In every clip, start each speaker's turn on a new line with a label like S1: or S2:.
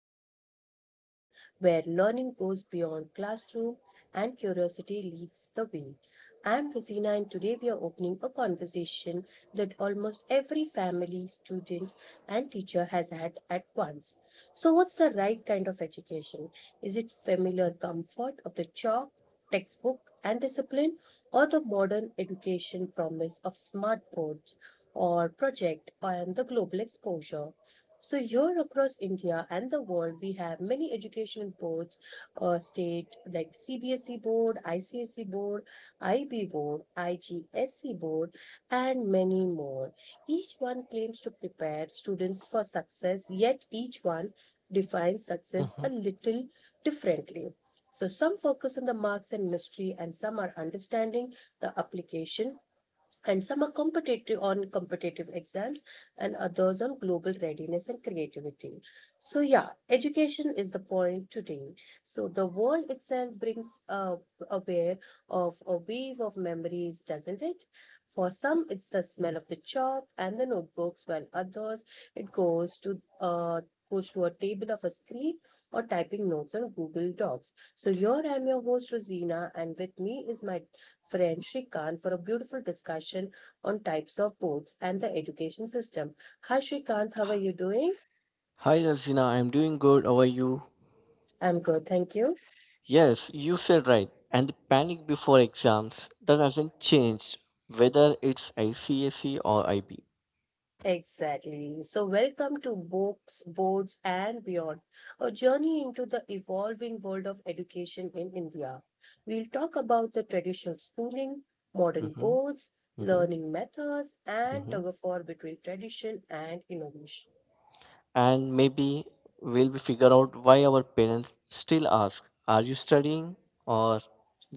S1: Hello and welcome, where learning goes beyond classroom and curiosity leads the way. I'm Rosina, and today we are opening a conversation that almost every family, student, and teacher has had at once. So, what's the right kind of education? Is it familiar comfort of the chalk, textbook, and discipline, or the modern education promise of smart boards or project and the global exposure? So, here across India and the world, we have many educational boards, state like CBSE board, ICSE board, IB board, IGSE board, and many more. Each one claims to prepare students for success, yet each one defines success a
S2: Mhm.
S1: little differently. So, some focus on the marks and mystery, and some are understanding the application, and some are competitive on competitive exams and others on global readiness and creativity. So yeah, education is the point today. So the world itself brings aware of a wave of memories, doesn't it? For some it's the smell of the chalk and the notebooks, while others it goes to a table of a screen or typing notes on Google Docs. So here I'm your host Rosina, and with me is my friend Shrikant for a beautiful discussion on types of boards and the education system. Hi Shrikant, how are you doing?
S2: Hi Razina, I'm doing good. How are you?
S1: I'm good, thank you.
S2: Yes, you said right. And the panic before exams that hasn't changed, whether it's ICSE or IB.
S1: Exactly. So, welcome to Books, Boards, and Beyond, a journey into the evolving world of education in India. We'll talk about the traditional schooling, modern
S2: Mm-hmm,
S1: boards,
S2: mm-hmm,
S1: learning methods, and
S2: mm-hmm.
S1: tug of war between tradition and innovation.
S2: And maybe we'll be figure out why our parents still ask, "Are you studying or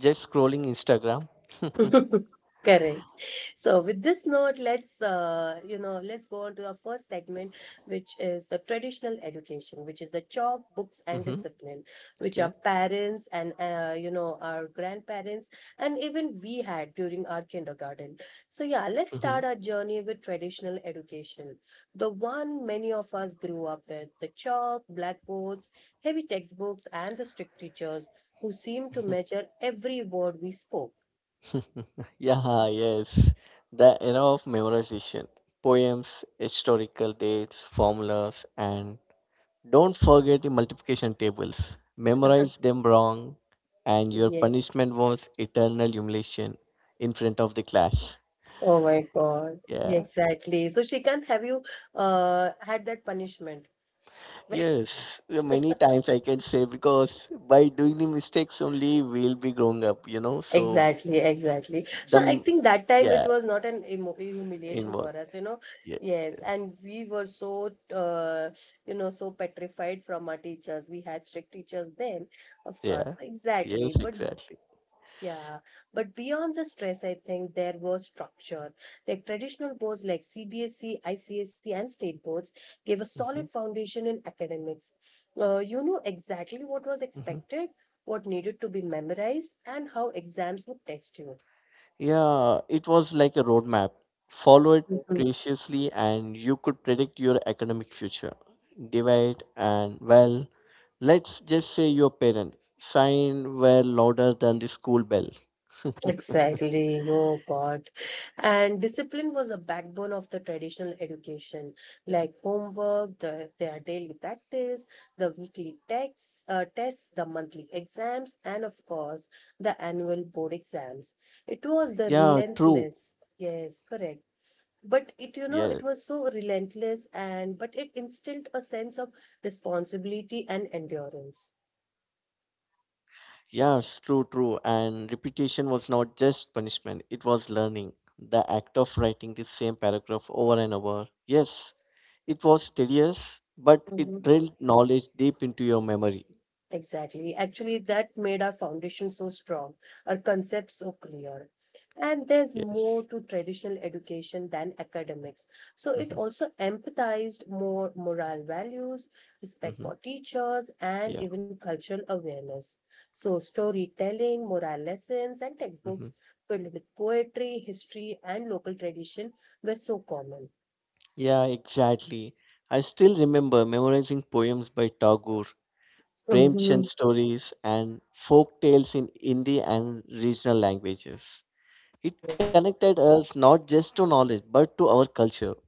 S2: just scrolling Instagram?"
S1: Correct. So with this note, let's go on to our first segment, which is the traditional education, which is the chalk, books, and
S2: Mm-hmm.
S1: discipline, which our
S2: Okay.
S1: parents and our grandparents and even we had during our kindergarten. So yeah, let's
S2: Mm-hmm.
S1: start our journey with traditional education, the one many of us grew up with, the chalk, blackboards, heavy textbooks, and the strict teachers who seemed to measure every word we spoke.
S2: Yeah, yes. The era of memorization, poems, historical dates, formulas, and don't forget the multiplication tables. Memorize them wrong, and your punishment was eternal humiliation in front of the class.
S1: Oh my God. Yeah,
S2: Yeah,
S1: exactly. So Shrikant, have you had that punishment?
S2: yes, many times I can say because by doing the mistakes only we'll be growing up, you know. So
S1: Exactly.
S2: the
S1: So I
S2: m-
S1: think that time it
S2: yeah,
S1: was not an emo humiliation for
S2: inward.
S1: us, you know.
S2: Yeah,
S1: Yes,
S2: yes,
S1: and we were so, so petrified from our teachers. We had strict teachers then, of
S2: yeah,
S1: course.
S2: yes,
S1: Exactly. But
S2: exactly.
S1: yeah, but beyond the stress, I think there was structure. Like traditional boards like CBSE, ICSE, and state boards gave a
S2: Mhm.
S1: solid foundation in academics. You know exactly what was
S2: Mhm.
S1: expected, what needed to be memorized, and how exams would test you.
S2: Yeah, it was like a roadmap. Follow it preciously, and you could predict your academic future. Divide and, well, let's just say your parents' sign were louder than the school bell.
S1: Exactly. Oh God. And discipline was a backbone of the traditional education, like homework, their daily practice, the weekly texts, tests, the monthly exams, and of course, the annual board
S2: Yeah, true.
S1: exams. It was the relentless. Yes, correct.
S2: Yeah,
S1: But it, you know, it was so relentless and, but it instilled a sense of responsibility and endurance.
S2: yes, true, true. And repetition was not just punishment, it was learning. The act of writing the same paragraph over and over. Yes, it was tedious, but
S1: Uh
S2: it
S1: huh.
S2: drilled knowledge deep into your memory.
S1: Exactly. Actually, that made our foundation so strong, our concepts so clear. And there's more to
S2: Yes.
S1: traditional education than academics. So it
S2: Mm-hmm.
S1: also empathized more moral values, respect
S2: Mm-hmm.
S1: for teachers, and
S2: Yeah.
S1: even cultural awareness. So storytelling, moral lessons, and textbooks
S2: Mm-hmm.
S1: filled with poetry, history, and local tradition were so common.
S2: Yeah, exactly. I still remember memorizing poems by Tagore, Premchand
S1: Mhm.
S2: stories, and folk tales in Hindi and regional languages. It connected us not just to knowledge, but to our culture.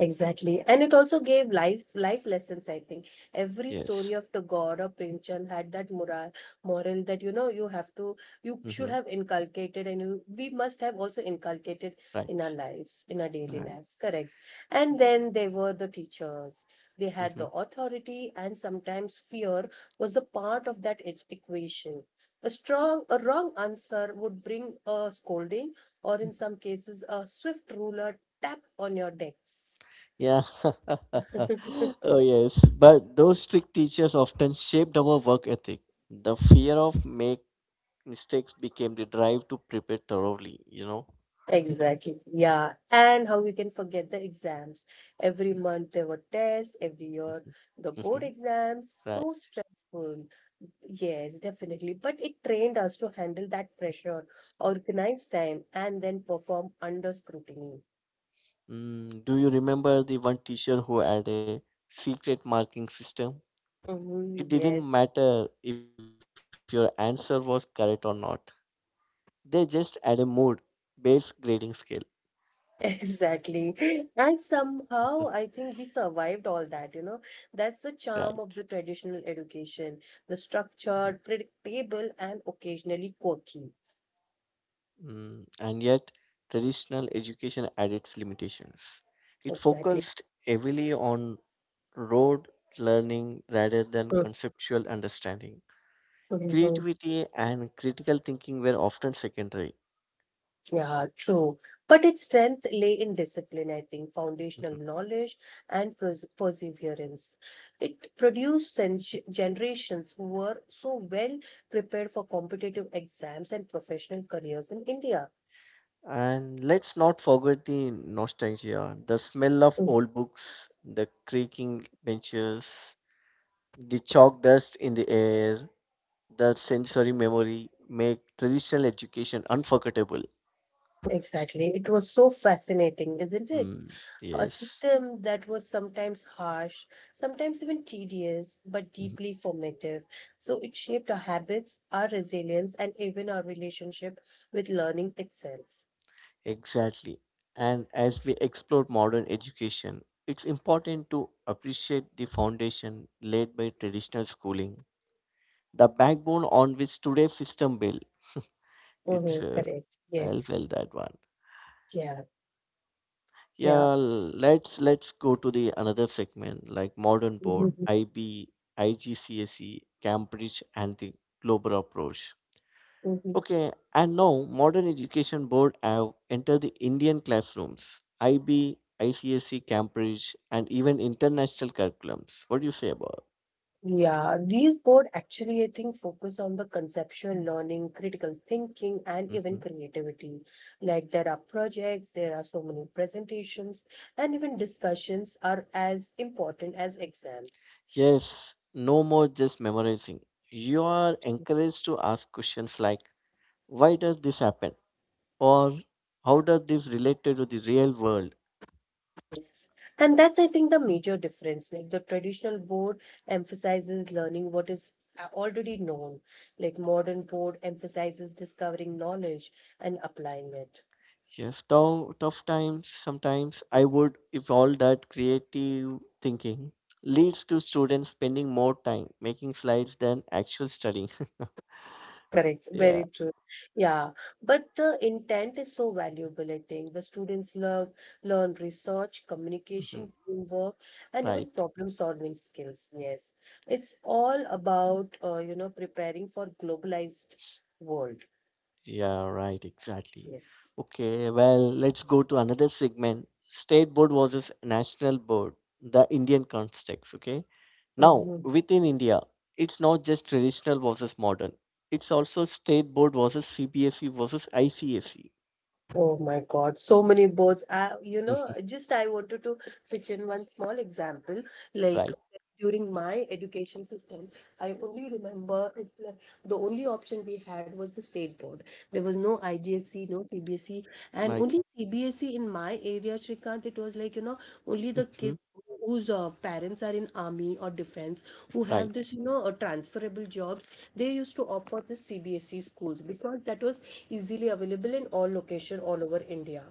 S1: Exactly. And it also gave life lessons, I think. Every story of
S2: Yes.
S1: the god or Premchand had that moral that you know you have to, you should have
S2: Mm-hmm.
S1: inculcated, and you we must have also inculcated in our
S2: Right.
S1: lives, in our daily
S2: Right.
S1: lives. Correct. And
S2: Yeah.
S1: then they were the teachers. They had the
S2: Mm-hmm.
S1: authority, and sometimes fear was a part of that equation. A wrong answer would bring a scolding, or in some cases a swift ruler tap on your decks.
S2: Yeah. Oh, yes. But those strict teachers often shaped our work ethic. The fear of make mistakes became the drive to prepare thoroughly, you know.
S1: Exactly. Yeah. And how we can forget the exams. Every month there were tests, every year
S2: Mhm,
S1: the board
S2: mhm,
S1: exams. So
S2: right.
S1: stressful. Yes, definitely. But it trained us to handle that pressure, organize time, and then perform under scrutiny.
S2: Mm, do you remember the one teacher who had a secret marking system?
S1: Hmm,
S2: It didn't
S1: yes.
S2: matter if your answer was correct or not, they just had a mood based grading scale.
S1: Exactly. And
S2: Mm,
S1: somehow I think we survived all that, you know. That's the charm
S2: right.
S1: of the traditional education, the
S2: Mhm.
S1: structured, predictable, and occasionally quirky.
S2: Mm, and yet traditional education had its limitations. It
S1: Exactly.
S2: focused heavily on rote learning rather than conceptual understanding.
S1: Mm-hmm.
S2: Creativity and critical thinking were often secondary.
S1: Yeah, true. But its strength lay in discipline, I think, foundational
S2: Mhm.
S1: knowledge and perseverance. It produced generations who were so well prepared for competitive exams and professional careers in India.
S2: And let's not forget the nostalgia, the smell of
S1: Mm.
S2: old books, the creaking benches, the chalk dust in the air, the sensory memory make traditional education unforgettable.
S1: Exactly. It was so fascinating, isn't it?
S2: Mm,
S1: A
S2: yes.
S1: system that was sometimes harsh, sometimes even tedious, but
S2: Mhm.
S1: deeply formative. So it shaped our habits, our resilience, and even our relationship with learning itself.
S2: Exactly. And as we explore modern education, it's important to appreciate the foundation laid by traditional schooling, the backbone on which today's system built. It's
S1: Mm-hmm. Correct.
S2: well, well,
S1: Yes.
S2: that one.
S1: Yeah, yeah.
S2: Yeah, let's go to the another segment, like modern board,
S1: Mhm,
S2: IB, IGCSE, Cambridge, and the global approach.
S1: mhm.
S2: Okay, and now modern education board have entered the Indian classrooms, IB, ICSE, Cambridge, and even international curriculums. What do you say about?
S1: Yeah, these board actually, I think, focus on the conceptual learning, critical thinking, and even
S2: Mhm.
S1: creativity. Like there are projects, there are so many presentations, and even discussions are as important as exams.
S2: Yes, no more just memorizing. You are encouraged to ask questions like, why does this happen? Or how does this relate to the real world?
S1: Yes. And that's, I think, the major difference. Like the traditional board emphasizes learning what is already known. Like modern board emphasizes discovering knowledge and applying it.
S2: Yes, tough, tough times sometimes I would if all that creative thinking leads to students spending more time making slides than actual studying.
S1: Correct,
S2: Yeah,
S1: very true. Yeah, but the intent is so valuable, I think. The students love, learn research,
S2: mhm,
S1: communication, teamwork, and even
S2: right.
S1: problem solving skills. Yes, it's all about, preparing for globalized world.
S2: Yeah, right, exactly.
S1: Yes.
S2: Okay, well, let's go to another segment. State board versus national board, the Indian context, okay? Now, within India, it's not just traditional versus modern. It's also state board versus CBSE versus ICSE. Mhm.
S1: Oh my God, so many boards. I, you know, just I wanted to pitch in one small example. Like
S2: Right,
S1: during my education system, I only remember it's like the only option we had was the state board. There was no IGSE, no CBSE, and
S2: right,
S1: only CBSE in my area, Shrikant. It was like, you know, only the
S2: hmm,
S1: kids whose parents are in army or defense, who
S2: right,
S1: have this, you know, transferable jobs, they used to opt for the CBSE schools because that was easily available in all location all over India.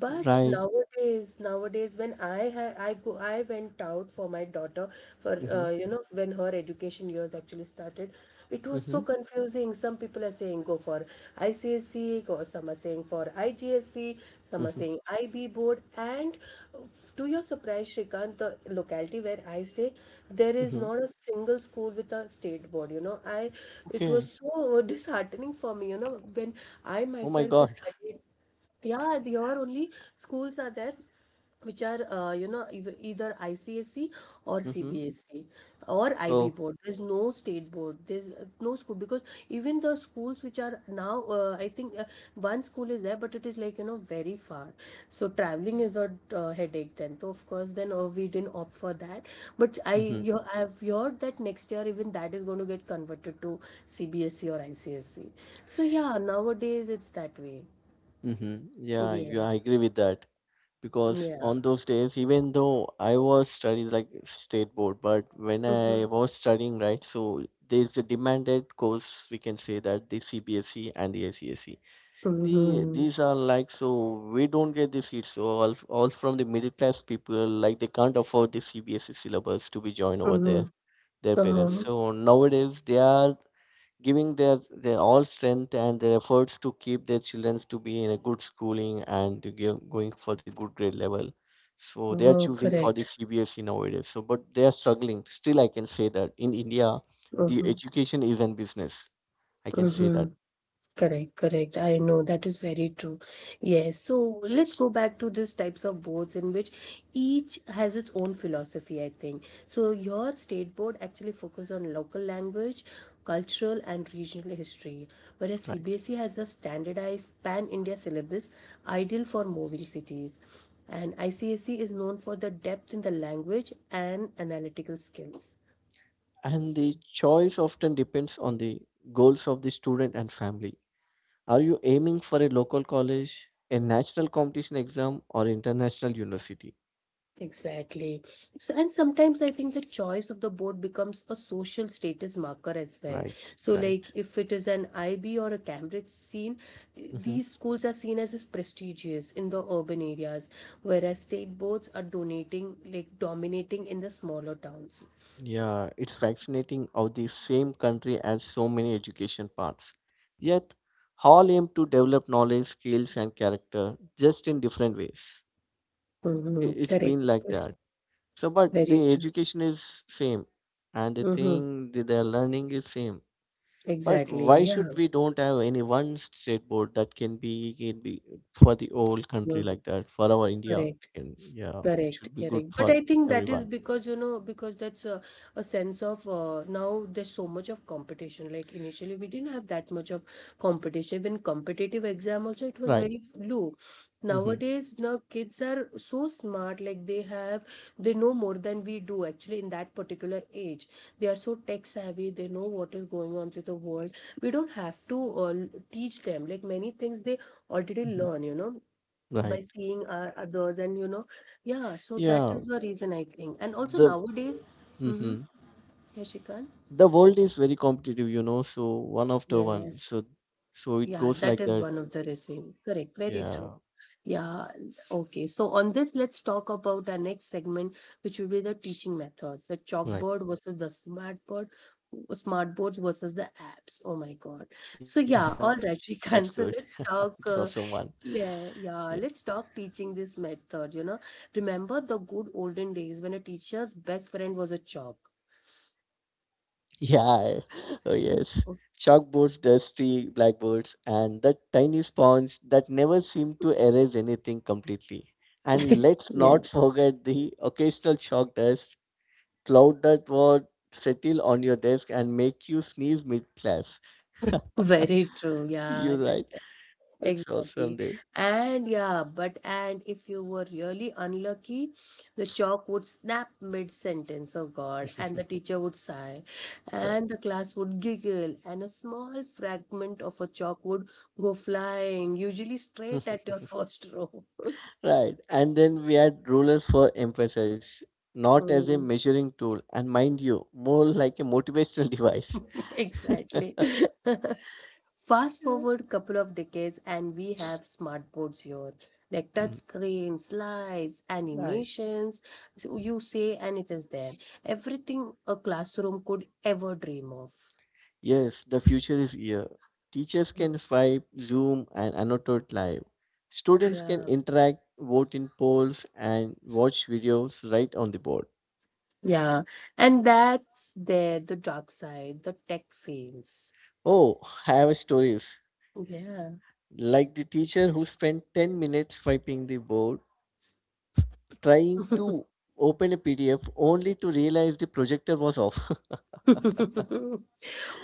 S1: But
S2: right.
S1: nowadays, nowadays when I ha I go I went out for my daughter, for
S2: Hmm.
S1: when her education years actually started, it was so
S2: Hmm.
S1: confusing. Some people are saying go for ICSE, or some are saying for IGSE, some are
S2: Hmm.
S1: saying IB board, and uh, to your surprise, Shrikant, the locality where I stay, there is
S2: Hmm.
S1: not a single school with a state board. You know, I, it
S2: Okay.
S1: was so disheartening for me. You know, when I
S2: Oh my God.
S1: myself is studied. Yeah, the are only schools are there which are either ICSE or
S2: Hmm.
S1: CBSE or IB
S2: Oh.
S1: board. There's no state board. There's no school, because even the schools which are now I think one school is there, but it is like, you know, very far. So traveling is a headache then. So of course then we didn't opt for that. But
S2: Hmm.
S1: I've heard that next year even that is going to get converted to CBSE or ICSE. So yeah, nowadays it's that way.
S2: Hmm. Yeah, yeah,
S1: Yes.
S2: I agree with that. Because on
S1: Yeah.
S2: those days, even though I was studying like state board, but when I
S1: Mhm.
S2: was studying, right, so there's a demanded course, we can say that the CBSE and the ICSE. The
S1: Mhm.
S2: these are like, so we don't get the seats, so all from the middle class people, like they can't afford the CBSE syllabus to be joined over there,
S1: Mhm.
S2: their parents.
S1: Uh-huh.
S2: So nowadays they are giving their all strength and their efforts to keep their children to be in a good schooling and to give, going for the good grade level. So they are
S1: Uh-huh.
S2: choosing for the
S1: Correct.
S2: CBSE nowadays. So but they are struggling. Still, I can say that in India, the
S1: Mhm.
S2: education is a business. I can say that.
S1: Mhm. Correct. I know that is very true. Yes. So let's go back to these types of boards, in which each has its own philosophy, I think. So your state board actually focus on local language, cultural and regional history, whereas
S2: Right.
S1: CBSE has a standardized pan-India syllabus ideal for moving cities. And ICSE is known for the depth in the language and analytical skills.
S2: And the choice often depends on the goals of the student and family. Are you aiming for a local college, a national competition exam, or international university?
S1: Exactly. So, and sometimes I think the choice of the board becomes a social status marker as well.
S2: Right,
S1: So, like
S2: right.
S1: if it is an IB or a Cambridge scene,
S2: Hmm.
S1: these schools are seen as prestigious in the urban areas, whereas state boards are donating, like dominating in the smaller towns.
S2: Yeah, it's fascinating how the same country has so many education paths. Yet, all aim to develop knowledge, skills, and character just in different ways. I-
S1: Mm-hmm.
S2: it's
S1: Correct.
S2: been like
S1: Correct.
S2: that. So, but
S1: Very
S2: the
S1: true.
S2: education is same, and the
S1: Mm-hmm.
S2: thing that they are learning is same. But
S1: Exactly.
S2: why
S1: Yeah.
S2: should we don't have any one state board that can be for the whole country
S1: Mhm.
S2: like that for our India?
S1: Correct.
S2: And yeah, it
S1: Correct,
S2: should be good
S1: correct. But
S2: for
S1: I think that is
S2: everyone,
S1: because, you know, because a sense of now there's so much of competition. Like initially, we didn't have that much of competition. Even competitive exam also, it was
S2: right?
S1: very low.
S2: Mm-hmm.
S1: Nowadays, now kids are so smart. Like they have, they know more than we do actually in that particular age. They are so tech savvy. They know what is going on through the world. We don't have to teach them. Like many things they already
S2: Hmm.
S1: learn, you know,
S2: Right.
S1: by seeing others and you know. Yeah, so that
S2: Yeah.
S1: is the reason I think, and also
S2: The
S1: nowadays, mm-hmm,
S2: hmm
S1: Yashikan,
S2: the world is very competitive, you know. So one after one.
S1: yes,
S2: So so it
S1: yeah,
S2: goes
S1: that
S2: like
S1: is
S2: that.
S1: one of the reason. Correct, very true.
S2: Yeah.
S1: Yeah. Okay, so on this let's talk about our next segment, which will be the teaching methods, the
S2: Right.
S1: chalkboard versus the smartboard, smart boards versus the apps. Oh my
S2: Yeah,
S1: God.
S2: that's good.
S1: So yeah, all
S2: It's
S1: right.
S2: awesome one.
S1: Shrikant, so let's talk
S2: Yeah.
S1: yeah, yeah, let's talk teaching this method, you know. Remember the good olden days when a teacher's best friend was a chalk.
S2: Yeah, oh yes.
S1: Okay.
S2: Chalkboards, dusty blackboards, and that tiny sponge that never seemed to erase anything completely. And let's
S1: Yeah,
S2: not forget the occasional chalk dust cloud that would settle on your desk and make you sneeze mid-class.
S1: very true. Yeah,
S2: You're right.
S1: that's
S2: That's awesome
S1: exactly.
S2: day.
S1: And yeah, but and if you were really unlucky, the chalk would snap mid-sentence, oh God, and the teacher would sigh,
S2: Right.
S1: and the class would giggle, and a small fragment of a chalk would go flying, usually straight at your first row.
S2: Right. And then we had rulers for emphasis, not as a
S1: Mm.
S2: measuring tool, and mind you, more like a motivational device.
S1: Exactly. Fast forward couple of decades and we have smart boards here. Like touch
S2: Yeah.
S1: screens, slides,
S2: Right.
S1: animations. So you say and it is there. Everything a classroom could ever dream of.
S2: Yes, the future is here. Teachers
S1: Mm.
S2: can swipe, zoom, and annotate live. Students can
S1: Yeah.
S2: interact, vote in polls, and watch videos right on the board.
S1: Yeah. And that's there, the dark side, the tech fails.
S2: Oh, I have stories.
S1: Yeah.
S2: Like the teacher who spent 10 minutes swiping the board, trying to open a PDF only to realize the projector was off.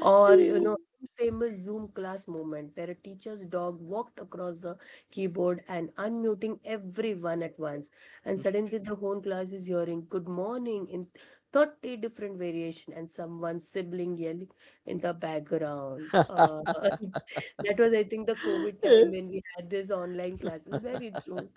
S1: Or, you know, Famous Zoom class moment where a teacher's dog walked across the keyboard and unmuting everyone at once. And suddenly the whole class is hearing good morning in 30 different variation and someone's sibling yelling in the background. That was, I think, the COVID time when we had this online classes. Very true.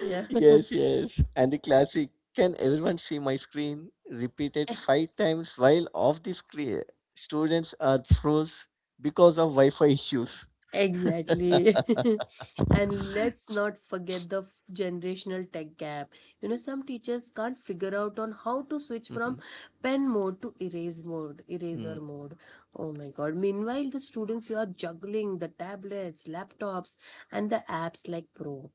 S1: Yeah.
S2: Yes, yes. And the classic, can everyone see my screen? Repeated five times while off the screen. Students are froze because of Wi Fi issues.
S1: Exactly. And let's not forget the generational tech gap. You know, some teachers can't figure out on how to switch from
S2: Mhm.
S1: pen mode to
S2: Mm.
S1: eraser mode. Oh my god. Meanwhile, the students are juggling the tablets, laptops, and the apps like pro.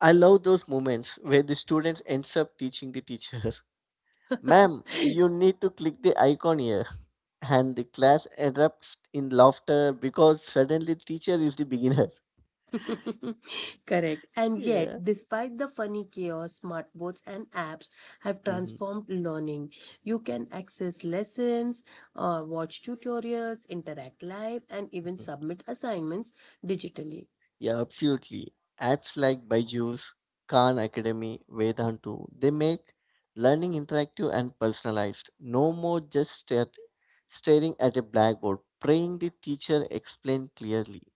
S2: I love those moments where the students ends up teaching the teacher. Ma'am, you need to click the icon here. And the class erupts in laughter because suddenly teacher is the beginner.
S1: Correct. And yet,
S2: Yeah.
S1: despite the funny chaos, smartboards and apps have
S2: Mhm.
S1: transformed learning. You can access lessons, watch tutorials, interact live, and even submit assignments digitally.
S2: Yeah, absolutely. Apps like Byju's, Khan Academy, Vedantu, they make learning interactive and personalized. No more just stare, staring at a blackboard, praying the teacher explain clearly.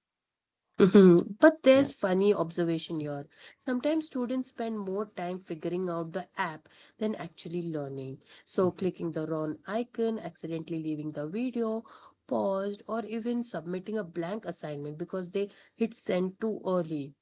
S1: Mhm. But
S2: Yeah.
S1: there's funny observation here. Sometimes students spend more time figuring out the app than actually learning. So
S2: Mhm.
S1: clicking the wrong icon, accidentally leaving the video, paused, or even submitting a blank assignment because they hit send too early.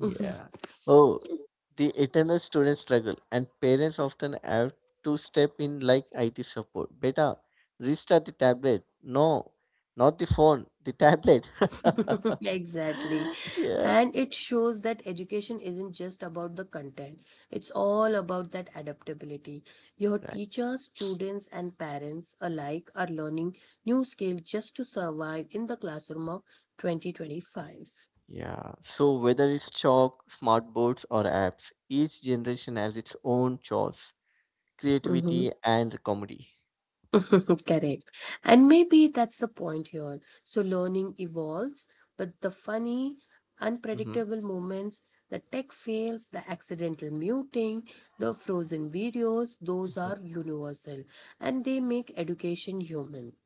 S2: Yeah. Oh, the eternal student struggle, and parents often have to step in like IT support. Beta, restart the tablet. No, not the phone, the tablet.
S1: Exactly.
S2: Yeah.
S1: And it shows that education isn't just about the content, it's all about that adaptability. Your
S2: Right.
S1: teachers, students, and parents alike are learning new skills just to survive in the classroom of 2025.
S2: Yeah, so whether it's chalk, smartboards, or apps, each generation has its own chores, creativity, and comedy.
S1: Correct. And maybe that's the point here. So learning evolves, but the funny,
S2: Hmm.
S1: unpredictable moments, the tech fails, the accidental muting, the frozen videos, those
S2: Hmm.
S1: are universal and they make education human.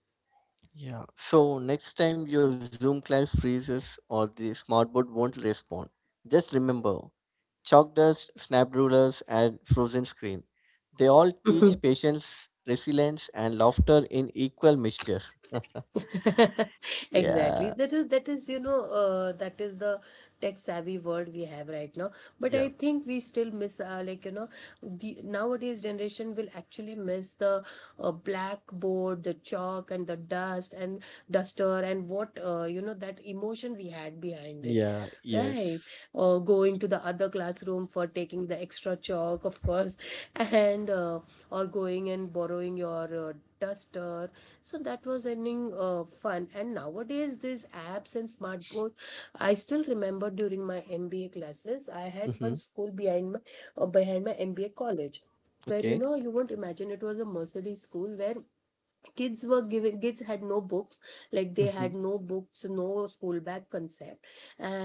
S2: Yeah, so next time your Zoom class freezes or the smartboard won't respond, just remember chalk dust, snap rulers, and frozen screen. They all teach patience, resilience, and laughter in equal measure. Yeah,
S1: Exactly. That is that is the tech savvy world we have right now, but
S2: yeah,
S1: I think we still miss, uh, the nowadays generation will actually miss the, blackboard, the chalk and the dust and duster and what, you know, that emotion we had behind it,
S2: yeah,
S1: right?
S2: yes.
S1: Or going to the other classroom for taking the extra chalk, of course, and or going and borrowing your duster. So that was ending, fun, and nowadays these apps and smartboard. I still remember during my MBA classes I had
S2: Mm-hmm.
S1: one school behind my, behind my MBA college, where, you
S2: Okay.
S1: know, you won't imagine, it was a Mercedes school where kids were given kids had no books, like they
S2: Mm-hmm.
S1: had no books, no school bag concept,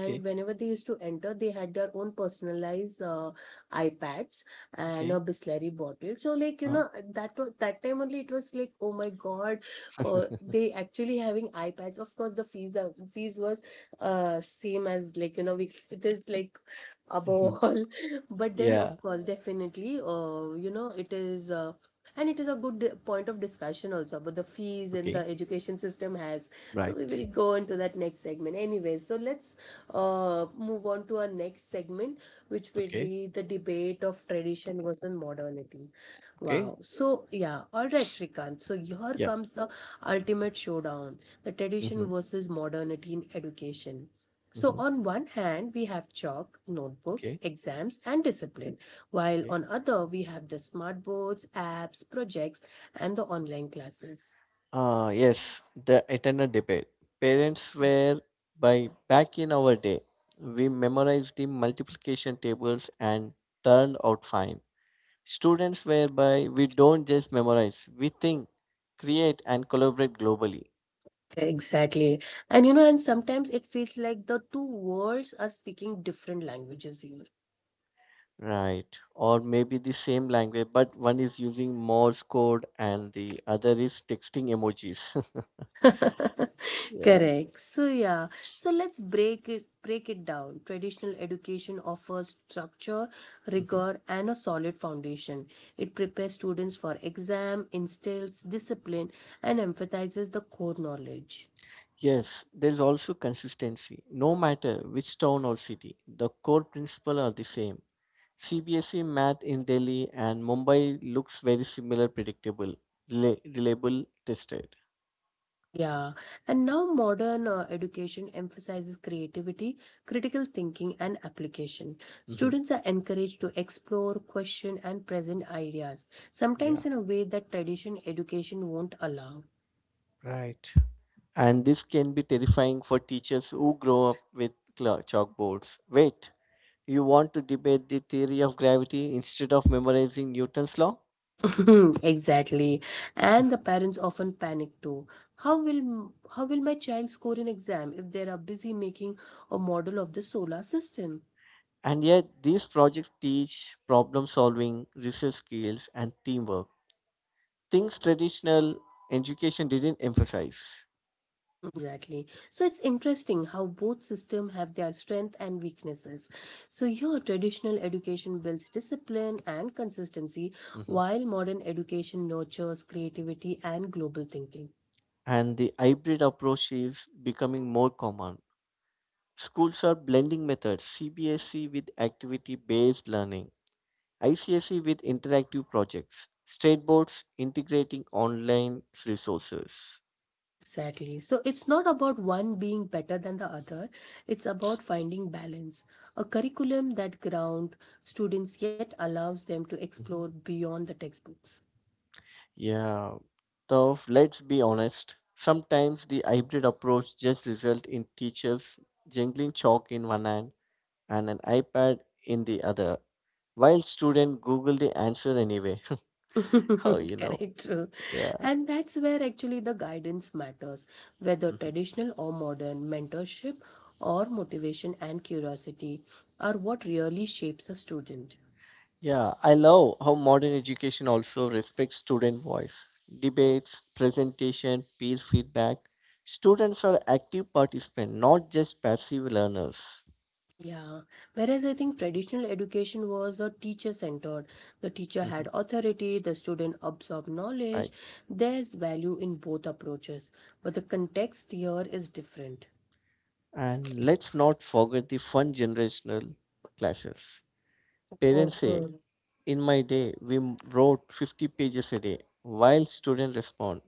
S2: Okay,
S1: whenever they used to enter, they had their own personalized, iPads and a
S2: okay.
S1: Bisleri bottle. So like, you
S2: Uh,
S1: know, that time only it was like, oh my god, they actually having iPads. Of course the fees was, same as like, you know, it is like above
S2: Mhm.
S1: all. But then of
S2: Yeah.
S1: course definitely, you know, it is and it is a good point of discussion also about the fees and
S2: Okay.
S1: the education system has. So we
S2: Right.
S1: will go into that next segment anyway. So let's, move on to our next segment, which will
S2: Okay.
S1: be the debate of tradition versus modernity. Wow.
S2: Okay.
S1: So yeah, all right Shrikant, so here
S2: Yeah.
S1: comes the ultimate showdown, the tradition
S2: Mm-hmm.
S1: versus modernity in education. So
S2: Mm-hmm.
S1: on one hand we have chalk, notebooks,
S2: Okay.
S1: exams and discipline, while
S2: Okay.
S1: on other we have the smart boards, apps, projects, and the online classes.
S2: Ah, yes. The eternal debate. Parents were by, back in our day, we memorized the multiplication tables and turned out fine. Students whereby we don't just memorize, we think, create, and collaborate globally.
S1: Exactly. And you know, and sometimes it feels like the two worlds are speaking different languages here.
S2: Right. Or maybe the same language, but one is using Morse code and the other is texting emojis. Yeah.
S1: Correct. So yeah. So let's break it down. Traditional education offers structure,
S2: Hmm.
S1: rigor, and a solid foundation. It prepares students for exam, instills discipline, and emphasizes the core knowledge.
S2: Yes, there's also consistency. No matter which town or city, the core principle are the same. CBSE math in Delhi and Mumbai looks very similar, predictable, rela- reliable, tested.
S1: Yeah, and now modern education emphasizes creativity, critical thinking, and application.
S2: Hmm.
S1: Students are encouraged to explore, question, and present ideas,
S2: Yeah,
S1: sometimes in a way that tradition education won't allow.
S2: right. And this can be terrifying for teachers who grow up with chalkboards. Wait, you want to debate the theory of gravity instead of memorizing Newton's law?
S1: Exactly. And the parents often panic too. How will my child score an exam if they are busy making a model of the solar system?
S2: And yet, these projects teach problem solving, research skills, and teamwork, things traditional education didn't emphasize.
S1: Exactly. So it's interesting how both systems have their strengths and weaknesses. So your traditional education builds discipline and consistency,
S2: Mhm.
S1: while modern education nurtures creativity and global thinking.
S2: And the hybrid approach is becoming more common. Schools are blending methods CBSE with activity based learning, ICSE with interactive projects, state boards integrating online resources.
S1: Exactly. So it's not about one being better than the other, it's about finding balance. A curriculum that grounds students yet allows them to explore beyond the textbooks.
S2: Yeah, though let's be honest, sometimes the hybrid approach just result in teachers jingling chalk in one hand and an iPad in the other, while students Google the answer anyway. How you know?
S1: Correct.
S2: Yeah.
S1: And that's where actually the guidance matters, whether
S2: Mhm.
S1: traditional or modern, mentorship or motivation and curiosity are what really shapes a student.
S2: Yeah, I love how modern education also respects student voice. Debates, presentation, peer feedback. Students are active participants, not just passive learners.
S1: Yeah, whereas I think traditional education was a teacher centered. The teacher
S2: Mhm.
S1: had authority, the student absorbed knowledge.
S2: Right.
S1: There's value in both approaches, but the context here is different.
S2: And let's not forget the fun generational clashes. Parents say,
S1: Mhm.
S2: in my day, we wrote 50 pages a day, while students respond,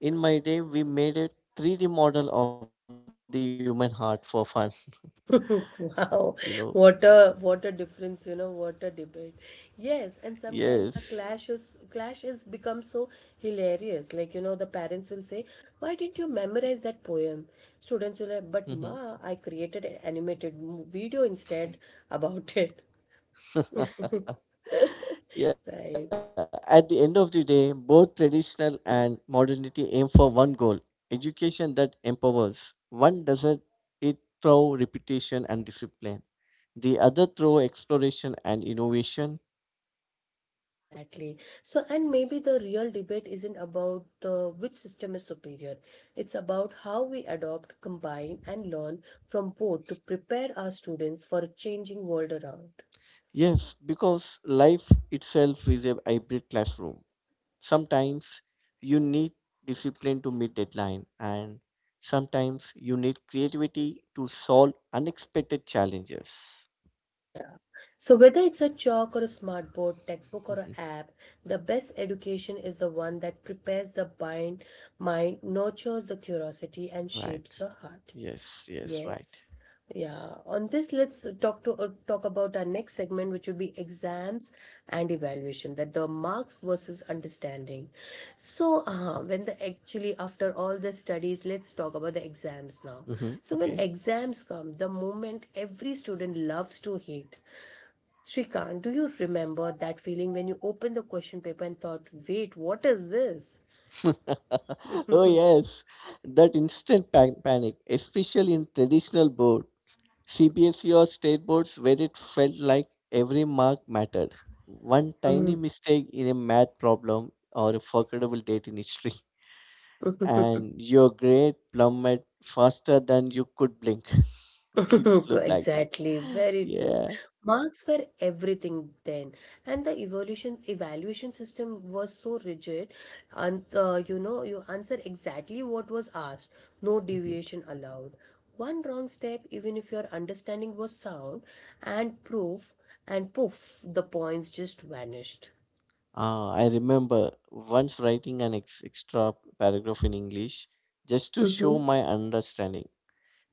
S2: in my day, we made a 3D model of the human heart for fun. You know,
S1: Wow, what a difference, you know, what a debate. Yes, and sometimes the
S2: yes.
S1: clash is become so hilarious. Like, you know, the parents will say, Why didn't you memorize that poem? Students will like, But ma, I
S2: Mhm.
S1: created an video instead about it. Right.
S2: Yeah, at the end of the day, both traditional and modernity aim for one goal, education that empowers. One doesn't it through reputation and discipline, the other through exploration and innovation.
S1: Exactly. So, and maybe the real debate isn't about which system is superior. It's about how we adopt, combine, and learn from both to prepare our students for a changing world around.
S2: Yes, because life itself is a hybrid classroom. Sometimes you need discipline to meet deadline, and sometimes you need creativity to solve unexpected challenges.
S1: So, whether it's a chalk or a smartboard, textbook or an
S2: Mhm.
S1: app, the best education is the one that prepares the mind, nurtures the curiosity, and shapes
S2: Right.
S1: the heart.
S2: Yes, yes, right.
S1: Yes. Yeah. On this, let's talk about our next segment, which would be exams and evaluation, that the marks versus understanding. So, when the actually after all the studies, let's talk about the exams now.
S2: Hmm.
S1: So, when
S2: Okay.
S1: exams come, the moment every student loves to hate. Shrikant, do you remember that feeling when you opened the question paper and thought, "Wait, what is
S2: Oh,
S1: this?"
S2: yes. That instant panic, especially in traditional board, CBSE or state boards where it felt like every mark mattered. One tiny mistake in a math problem or a forgettable date in history, and your grade plummet faster than you could blink. It's looked like that.
S1: Exactly, very true.
S2: Yeah.
S1: Marks were everything then, and the evolution evaluation system was so rigid, and you know, you answer exactly what was asked, no
S2: Mhm.
S1: deviation allowed. One wrong step, even if your understanding was sound and proof, and poof, the points just vanished.
S2: Ah, I remember once writing an extra paragraph in English just to
S1: Mm-hmm.
S2: show my understanding.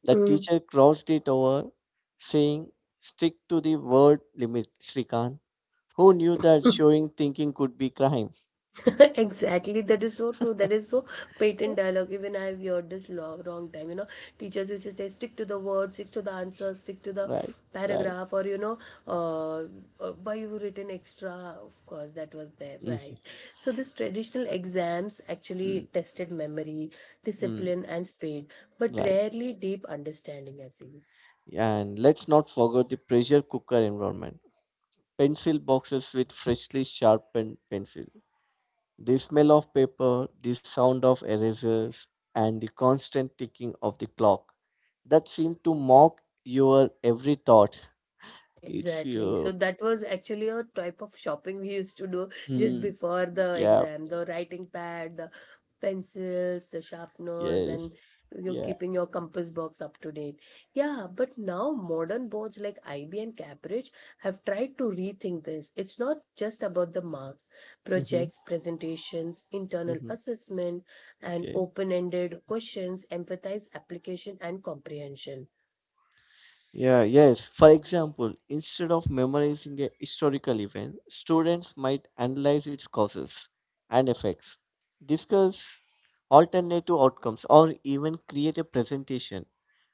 S2: The teacher crossed it over, saying, "Stick to the word limit, Srikanth." Who knew that showing thinking could be crime?
S1: Exactly. That is so true, that is so patent dialogue, even I have heard this wrong time, you know, teachers used to say stick to the word stick to the answer stick to the
S2: Right, right.
S1: paragraph, or you know, uh, why you written extra, of course that was there,
S2: Mm,
S1: right? So this traditional exams
S2: mm,
S1: actually tested memory,
S2: mm,
S1: discipline and speed, but
S2: right.
S1: rarely deep understanding, I feel.
S2: And let's not forget the pressure cooker environment. Pencil boxes with freshly sharpened pencil. The smell of paper, the sound of erasers, and the constant ticking of the clock that seem to mock your every thought. It's
S1: Exactly. So
S2: your.
S1: that was actually a type of shopping we used to do just
S2: Hmm.
S1: before the
S2: Yeah.
S1: exam. The writing pad, the pencils, the sharpeners, and
S2: Yes.
S1: you're
S2: Yeah.
S1: keeping your compass box up to date. Yeah, but now modern boards like IB and Cambridge have tried to rethink this. It's not just about the marks,
S2: Mm-hmm.
S1: projects, presentations, internal
S2: Mm-hmm.
S1: assessment, and
S2: Okay.
S1: open-ended questions emphasize application and comprehension.
S2: Yeah, yes. For example, instead of memorizing a historical event, students might analyze its causes and effects, discuss alternative outcomes, or even create a presentation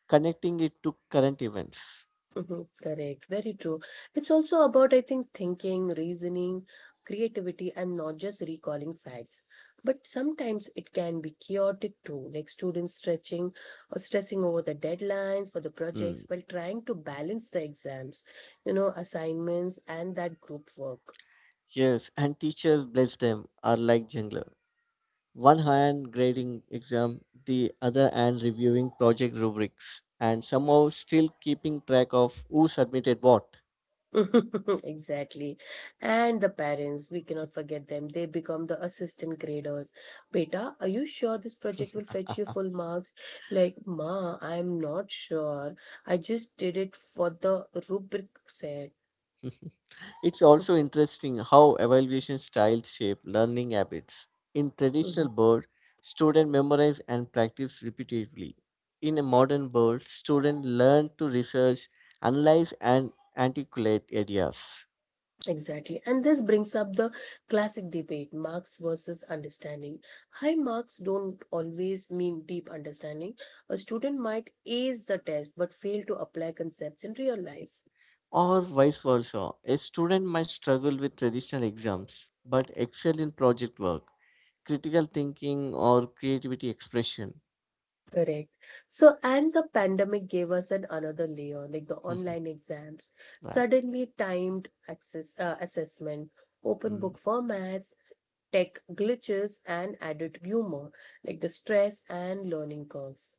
S2: connecting it to current events.
S1: Mhm. Correct, very true. It's also about, I think, thinking, reasoning, creativity, and not just recalling facts. But sometimes it can be chaotic too, like students stretching or stressing over the deadlines for the projects
S2: Mm.
S1: while trying to balance the exams, you know, assignments, and that group work.
S2: Yes, and teachers, bless them, are like jungler. One hand grading exam, the other hand reviewing project rubrics, and somehow still keeping track of who submitted what.
S1: Exactly. And the parents, we cannot forget them. They become the assistant graders. Beta, are you sure this project will fetch you full marks? Like, Ma, I'm not sure. I just did it for the rubric set.
S2: It's also interesting how evaluation styles shape learning habits. In
S1: Mhm.
S2: traditional board, students memorize and practice repeatedly. In a modern board, students learn to research, analyze, and articulate ideas.
S1: Exactly. And this brings up the classic debate, marks versus understanding. High marks don't always mean deep understanding. A student might ace the test but fail to apply concepts in real life.
S2: Or vice versa, a student might struggle with traditional exams but excel in project work, critical thinking, or creativity expression.
S1: Correct. So, and the pandemic gave us an another layer, like the online exams,
S2: Right.
S1: suddenly timed access assessment, open
S2: Mm.
S1: book formats, tech glitches, and added humor, like the stress and learning curves.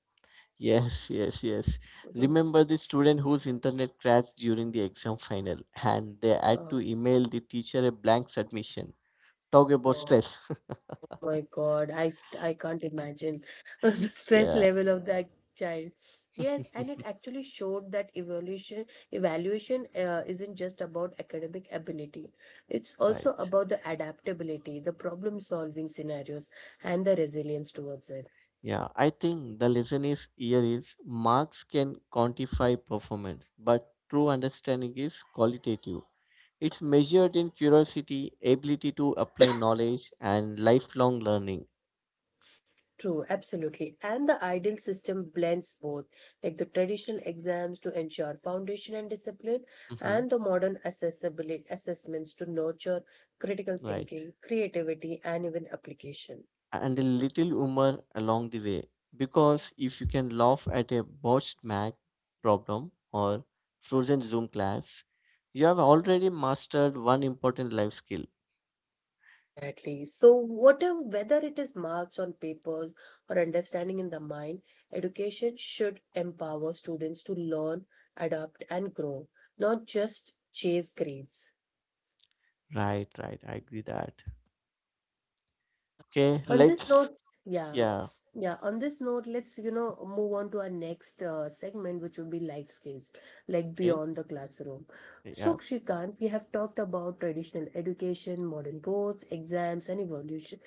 S2: Yes, yes, yes.
S1: Mhm.
S2: Remember the student whose internet crashed during the exam final and they had
S1: Uh,
S2: to email the teacher a blank submission. Talk about
S1: uh,
S2: stress.
S1: my God, I can't imagine the stress
S2: Yeah,
S1: level of that child. Yes, and it actually showed that evolution evaluation isn't just about academic ability. It's also
S2: right.
S1: about the adaptability, the problem solving scenarios, and the resilience towards it.
S2: Yeah, I think the lesson is here is marks can quantify performance, but true understanding is qualitative. It's measured in curiosity, ability to apply knowledge, and lifelong learning.
S1: True, absolutely. And the ideal system blends both, like the traditional exams to ensure foundation and discipline,
S2: Mm-hmm.
S1: and the modern accessibility assessments to nurture critical
S2: Right.
S1: thinking, creativity, and even application.
S2: And a little humor along the way. Because if you can laugh at a botched math problem or frozen Zoom class, you have already mastered one important life skill.
S1: Exactly. So, whatever, whether it is marks on papers or understanding in the mind, education should empower students to learn, adapt, and grow, not just chase grades.
S2: Right, right. I agree that. Okay,
S1: On this
S2: let's.
S1: note,
S2: Yeah.
S1: yeah, on this note, let's, you know, move on to our next segment, which would be life skills, like
S2: Okay.
S1: beyond the classroom. So,
S2: Yeah.
S1: Shrikant, we have talked about traditional education, modern boards, exams, and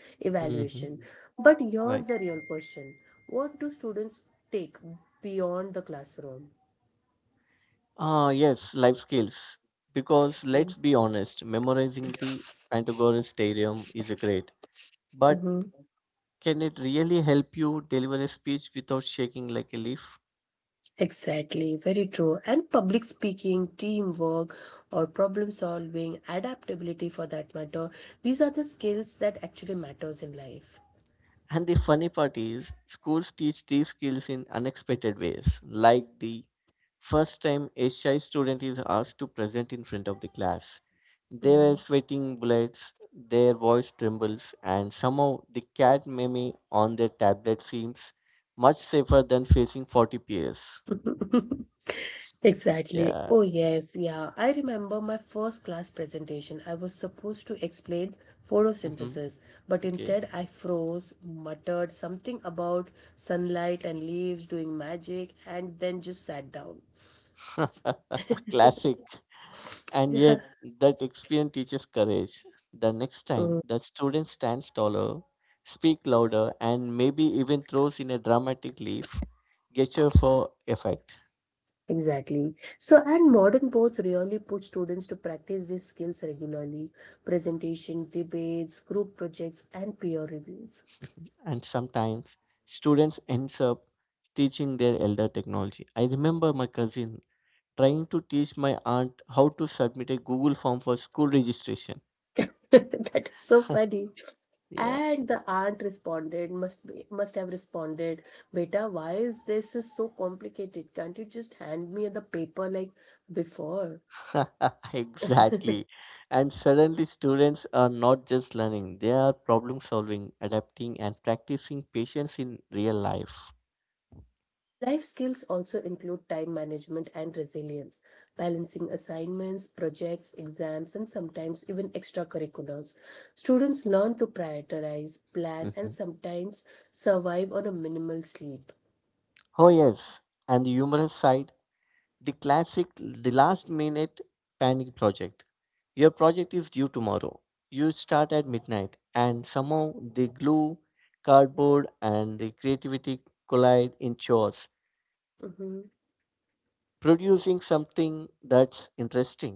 S2: Mm-hmm.
S1: evaluation. But
S2: Right.
S1: here's the real question. What do students take beyond the classroom?
S2: Ah, yes, life skills. Because let's be honest, memorizing the Pantagruel Stadium is a great, but
S1: Mm-hmm.
S2: can it really help you deliver a speech without shaking like a leaf?
S1: Exactly, very true. And public speaking, teamwork, or problem solving, adaptability for that matter, these are the skills that actually matters in life.
S2: And the funny part is, schools teach these skills in unexpected ways, like the first time a shy student is asked to present in front of the class. They were
S1: Mhm.
S2: sweating bullets, their voice trembles, and somehow the cat meme on their tablet seems much safer than facing 40 peers.
S1: Exactly.
S2: Yeah.
S1: Oh, yes. Yeah. I remember my first class presentation. I was supposed to explain
S2: Hmm.
S1: photosynthesis, but
S2: Okay.
S1: instead I froze, muttered something about sunlight and leaves doing magic, and then just sat down.
S2: Classic. And
S1: Yeah.
S2: yet, that experience teaches courage. The next time, the student stands taller, speaks louder, and maybe even throws in a dramatic leaf gesture for effect.
S1: Exactly. So, and modern boards really put students to practice these skills regularly presentation, debates, group projects, and peer reviews.
S2: And sometimes, students ends up teaching their elder technology. I remember my cousin trying to teach my aunt how to submit a Google form for school registration.
S1: That is so funny.
S2: Yeah,
S1: And the aunt responded, must have responded, Beta, why is this is so complicated? Can't you just hand me the paper like before?
S2: exactly. And suddenly, students are not just learning, they are problem solving, adapting, and practicing patience in real life.
S1: Life skills also include time management and resilience, balancing assignments, projects, exams, and sometimes even extracurriculars. Students learn to prioritize, plan, and
S2: Mhm.
S1: sometimes survive on a minimal sleep.
S2: Oh, yes. And the humorous side, the classic, the last minute panic project. Your project is due tomorrow. You start at midnight, and somehow the glue, cardboard, and the creativity collide in chores,
S1: Mhm.
S2: producing something that's interesting, if nothing else.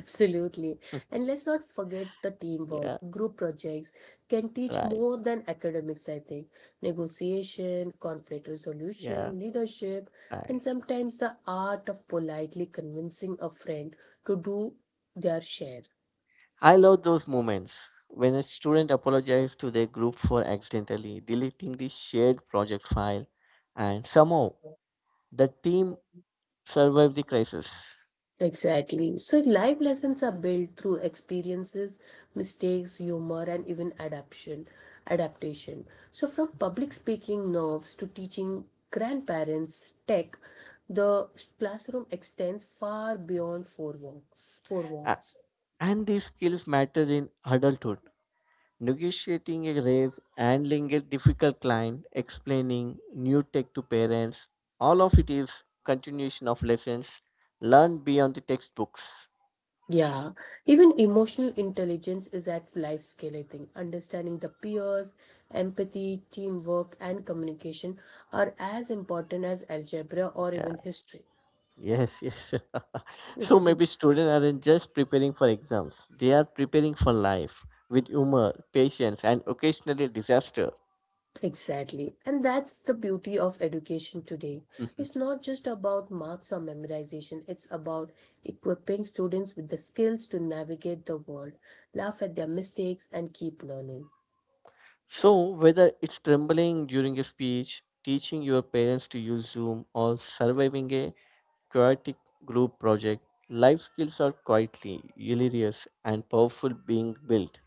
S1: Absolutely. And let's not
S2: Yeah,
S1: forget the teamwork. Group projects
S2: right.
S1: can teach more than academics, I think. Negotiation, conflict
S2: Yeah,
S1: resolution, leadership,
S2: right.
S1: and sometimes the art of politely convincing a friend to do their share.
S2: I love those moments when a student apologizes to their group for accidentally deleting the shared project file, and somehow the team survived the crisis.
S1: Exactly. So life lessons are built through experiences, mistakes, humor, and even adaptation. Adaptation. So from public speaking nerves to teaching grandparents tech, the classroom extends far beyond four walls. Four
S2: A-
S1: walls.
S2: And these skills matter in adulthood. Negotiating a raise, handling a difficult client, explaining new tech to parents, all of it is continuation of lessons learned beyond the textbooks.
S1: Yeah. Even emotional intelligence is at life scale, I think. Understanding the peers, empathy, teamwork, and communication are as important as algebra or even
S2: Yeah.
S1: history.
S2: Yes, yes. So maybe students aren't just preparing for exams, they are preparing for life with humor, patience, and occasionally disaster.
S1: Exactly. And that's the beauty of education today.
S2: Mhm.
S1: It's not just about marks or memorization, it's about equipping students with the skills to navigate the world, laugh at their mistakes, and keep learning.
S2: So, whether it's trembling during a speech, teaching your parents to use Zoom, or surviving a chaotic group project, life skills are quietly hilarious and powerful being built.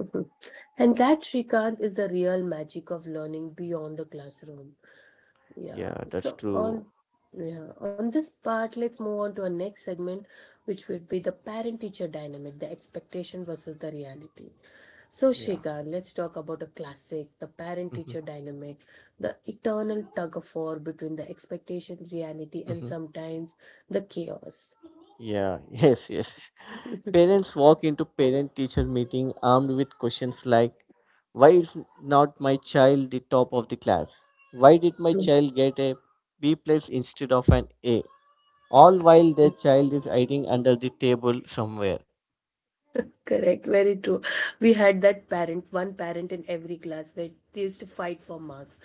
S1: Mhm. And that, Shrikant, is the real magic of learning beyond the classroom. Yeah.
S2: Yeah, that's
S1: So,
S2: true.
S1: on yeah, on this part, let's move on to our next segment, which will be the parent teacher dynamic, the expectation versus the reality. So,
S2: Yeah.
S1: Shrikant, let's talk about a classic, the parent
S2: Hmm.
S1: teacher dynamic, the eternal tug of war between the expectation, reality, and
S2: Hmm.
S1: sometimes the chaos.
S2: Yeah, yes, yes. Parents walk into parent teacher meeting armed with questions like, why is not my child the top of the class? Why did my child get a B+ instead of an A? All while their child is hiding under the table somewhere.
S1: Correct, very true. We had that parent, one parent in every class where they used to fight for marks.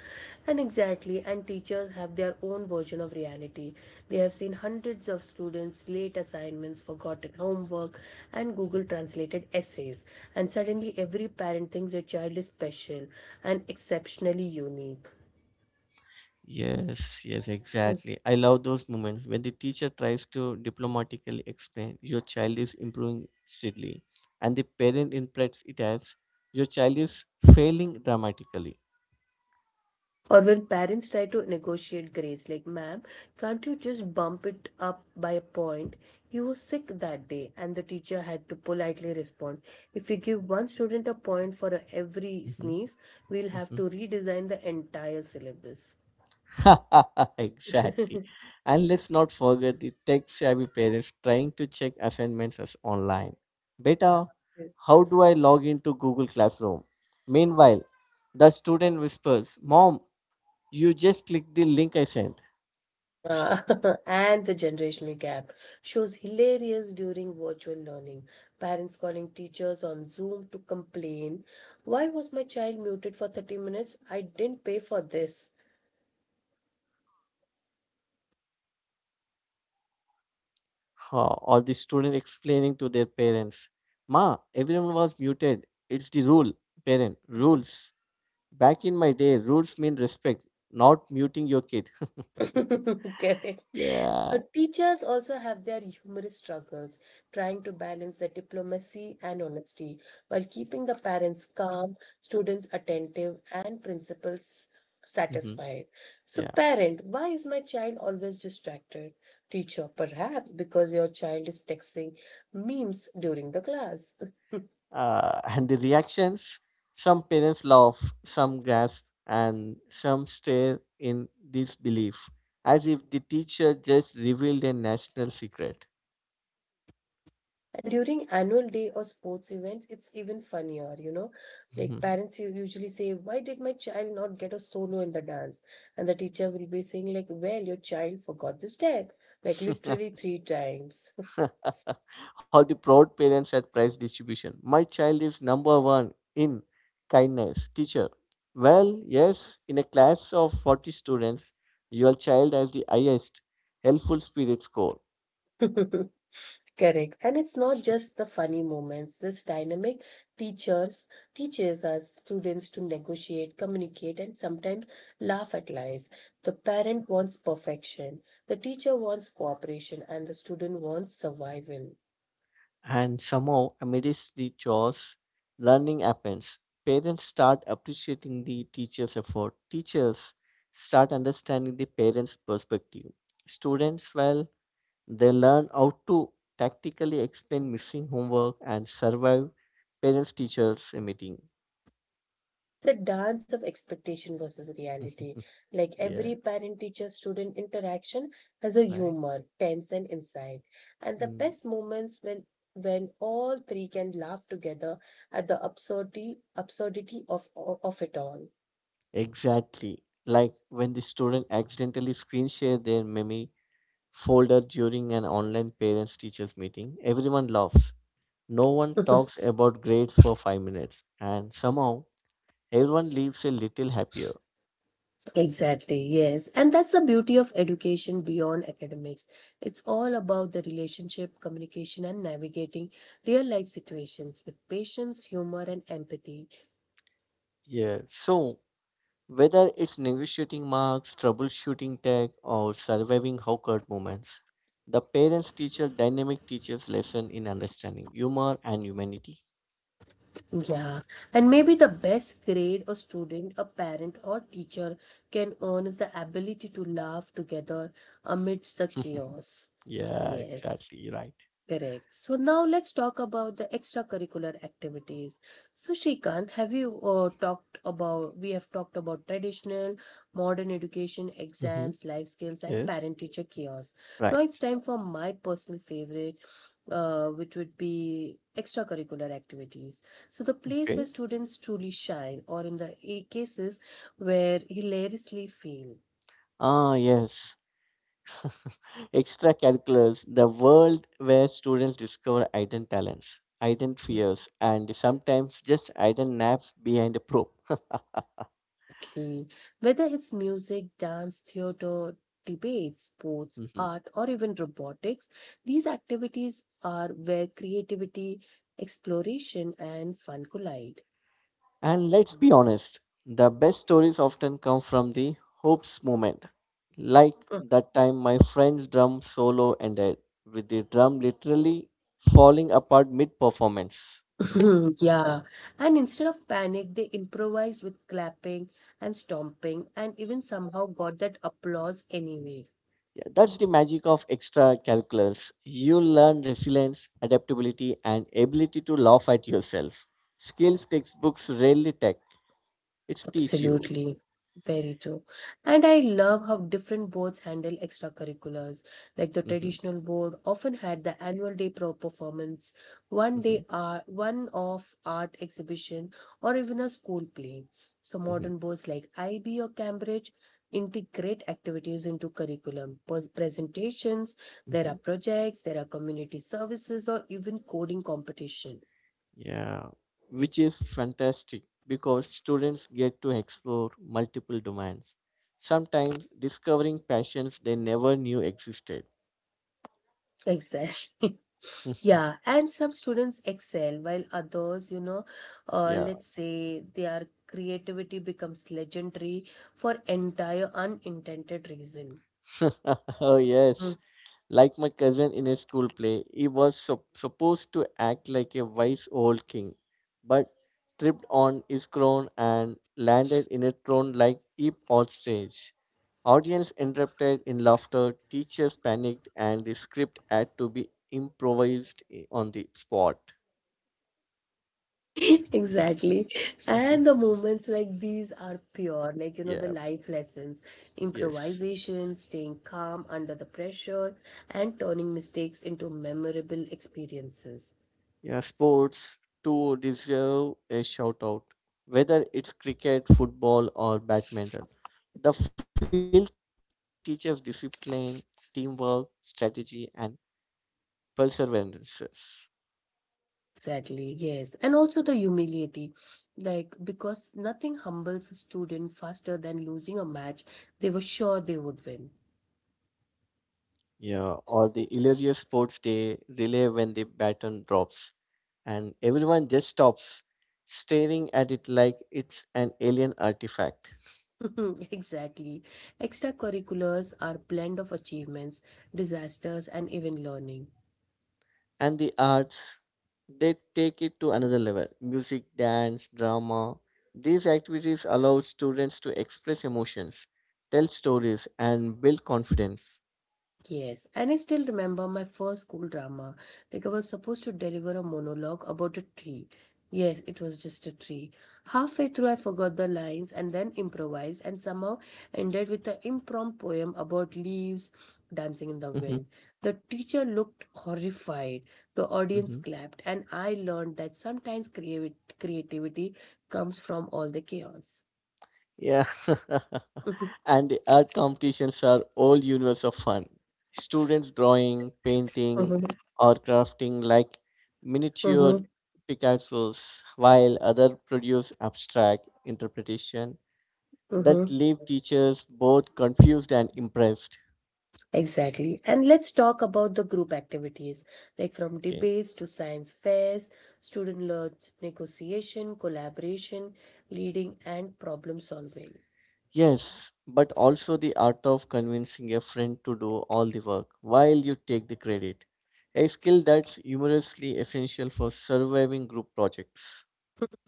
S1: And exactly, and teachers have their own version of reality. They have seen hundreds of students, late assignments, forgotten homework, and Google translated essays. And suddenly, every parent thinks their child is special and exceptionally unique.
S2: Yes, yes, exactly. I love those moments when the teacher tries to diplomatically explain your child is improving steadily and the parent interprets it as your child is failing dramatically.
S1: Or when parents try to negotiate grades, like, ma'am, can't you just bump it up by a point? You were sick that day, and the teacher had to politely respond. If we give one student a point for every
S2: Mhm,
S1: sneeze, we'll have
S2: mhm.
S1: to redesign the entire syllabus. Yeah.
S2: exactly. And let's not forget the tech savvy parents trying to check assignments as online. Beta, how do I log into Google Classroom? Meanwhile, the student whispers, Mom, you just click the link I sent.
S1: Uh, and the generational gap shows hilarious during virtual learning. Parents calling teachers on Zoom to complain. Why was my child muted for 30 minutes? I didn't pay for this.
S2: Huh. Or the student explaining to their parents, Ma, everyone was muted. It's the rule. Parent, rules. Back in my day, rules mean respect, not muting your kid. Yeah.
S1: Correct. So teachers also have their humorous struggles, trying to balance the diplomacy and honesty while keeping the parents calm, students attentive, and principals
S2: Hmm.
S1: satisfied. So,
S2: Yeah.
S1: parent, why is my child always distracted? Teacher, perhaps because your child is texting memes during the class.
S2: And the reactions, some parents laugh, some gasp, and some stare in disbelief as if the teacher just revealed a national secret.
S1: During annual day or sports events, it's even funnier, you know. Like parents usually say, why did my child not get a solo in the dance? And the teacher will be saying, like, well, your child forgot the step, like literally three times.
S2: All the proud parents at prize distribution: my child is number one in kindness, teacher. Well, yes, in a class of 40 students, your child has the highest helpful spirit score.
S1: Correct. And it's not just the funny moments. This dynamic teachers teaches us students to negotiate, communicate, and sometimes laugh at life. The parent wants perfection, the teacher wants cooperation, and the student wants survival.
S2: And somehow, amidst the chores, learning happens. Parents start appreciating the teacher's effort. Teachers start understanding the parents' perspective. Students, well, they learn how to tactically explain missing homework and survive parents teachers meeting.
S1: The dance of expectation versus reality. Like
S2: Yeah,
S1: every parent teacher student interaction has a
S2: right.
S1: humor, tense, and insight. And the
S2: Mm,
S1: best moments when all three can laugh together at the absurdity of it all.
S2: exactly. Like when the student accidentally screen share their meme folder during an online parents teachers meeting, everyone laughs. No one talks about grades for 5 minutes, and somehow everyone leaves a little happier.
S1: Exactly, yes. And that's the beauty of education beyond academics. It's all about the relationship, communication, and navigating real life situations with patience, humor, and empathy.
S2: Yeah. So, whether it's negotiating marks, troubleshooting tech, or surviving awkward moments, the parents teacher dynamic teaches lesson in understanding humor and humanity.
S1: Yeah, and maybe the best grade a student, a parent, or teacher can earn is the ability to laugh together amidst the chaos.
S2: Yeah,
S1: Yes.
S2: exactly. Right.
S1: Correct. So now let's talk about the extracurricular activities. So Shrikant, have you talked about, we have talked about traditional, modern education,
S2: Hmm.
S1: exams, life skills, and
S2: Yes.
S1: parent-teacher chaos.
S2: Right.
S1: Now it's time for my personal favorite, which would be extracurricular activities. So the place where
S2: Okay.
S1: students truly shine, or in the cases where hilariously fail.
S2: Ah, yes. Extracurriculars, the world where students discover hidden talents, hidden fears, and sometimes just hidden naps behind a probe.
S1: Exactly. Whether it's music, dance, theater, debate, sports,
S2: Mhm.
S1: art, or even robotics, these activities are where creativity, exploration, and fun collide.
S2: And let's be honest, the best stories often come from the hopes moment. Like that time my friend's drum solo ended with the drum literally falling apart mid performance.
S1: Yeah. And instead of panic, they improvised with clapping and stomping and even somehow got that applause anyway.
S2: Yeah, that's the magic of extracurriculars. You learn resilience, adaptability, and ability to laugh at yourself. Skills textbooks rarely take. It teach you.
S1: Absolutely. Very true. And I love how different boards handle extracurriculars. Like the
S2: Hmm.
S1: traditional board often had the annual day pro performance, one
S2: Hmm.
S1: day art, one off art exhibition, or even a school play. So
S2: Hmm.
S1: modern boards like IB or Cambridge integrate activities into curriculum, presentations, there are
S2: Hmm.
S1: projects, there are community services, or even coding competition.
S2: Yeah, which is fantastic because students get to explore multiple domains, sometimes discovering passions they never knew existed.
S1: Exactly. Yeah, and some students excel while others, you know,
S2: Yeah.
S1: let's say their creativity becomes legendary for entire unintended reason.
S2: Oh
S1: Mhm.
S2: yes. Like my cousin in a school play, he was supposed to act like a wise old king, but tripped on his crown and landed in a throne like heap on stage. Audience interrupted in laughter, teachers panicked, and the script had to be improvised on the spot.
S1: Exactly. And the moments like these are pure, like, you know, the
S2: Yeah,
S1: life lessons,
S2: yes.
S1: improvisation, staying calm under the pressure, and turning mistakes into memorable experiences.
S2: Yeah, sports too deserve a shout out, whether it's cricket, football, or badminton. The field teaches discipline, teamwork, strategy, and perseverance.
S1: Exactly, yes. And also the humility, like because nothing humbles a student faster than losing a match they were sure they would win.
S2: Yeah, or the hilarious sports day relay when the baton drops, and everyone just stops staring at it like it's an alien artifact.
S1: Exactly. Extracurriculars are blend of achievements, disasters, and even learning.
S2: And the arts, they take it to another level: music, dance, drama. These activities allow students to express emotions, tell stories, and build confidence.
S1: Yes, and I still remember my first school drama. Like I was supposed to deliver a monologue about a tree. Yes, it was just a tree. Halfway through, I forgot the lines and then improvised and somehow ended with an impromptu poem about leaves dancing in the
S2: Hmm.
S1: wind. The teacher looked horrified. The audience
S2: Hmm.
S1: clapped, and I learned that sometimes creativity comes from all the chaos.
S2: Yeah. And the art competitions are all universe of fun, students drawing, painting,
S1: Mhm,
S2: or crafting like miniature
S1: mhm,
S2: picassos, while other produce abstract interpretation
S1: mhm,
S2: that
S1: mhm.
S2: leave teachers both confused and impressed.
S1: Exactly. And let's talk about the group activities, like from
S2: Okay.
S1: debates to science fairs, student led negotiation, collaboration, leading, and problem solving.
S2: Yes, but also the art of convincing a friend to do all the work while you take the credit. A skill that's humorously essential for surviving group projects.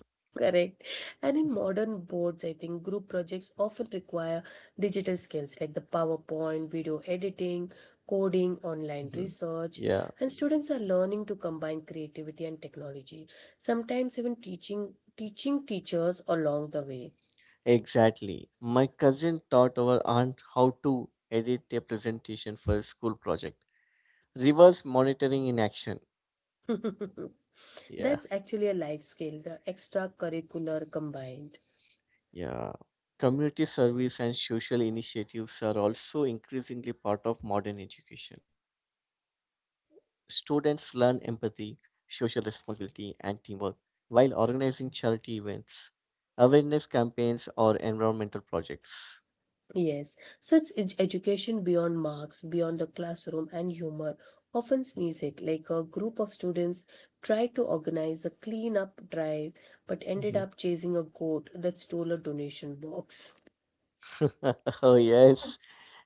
S1: Correct. And in modern boards, I think group projects often require digital skills like the PowerPoint, video editing, coding, online
S2: Mhm.
S1: research,
S2: Yeah,
S1: and students are learning to combine creativity and technology, sometimes even teaching teachers along the way.
S2: exactly. My cousin taught our aunt how to edit a presentation for a school project. Reverse monitoring in action. Yeah.
S1: That's actually a life skill, the extracurricular combined.
S2: Yeah, community service and social initiatives are also increasingly part of modern education. Students learn empathy, social responsibility, and teamwork while organizing charity events, awareness campaigns, or environmental projects.
S1: Yes, such education beyond marks, beyond the classroom, and humor often sneeze it. Like a group of students tried to organize a cleanup drive but ended
S2: Mhm.
S1: up chasing a goat that stole a donation box.
S2: Oh, yes,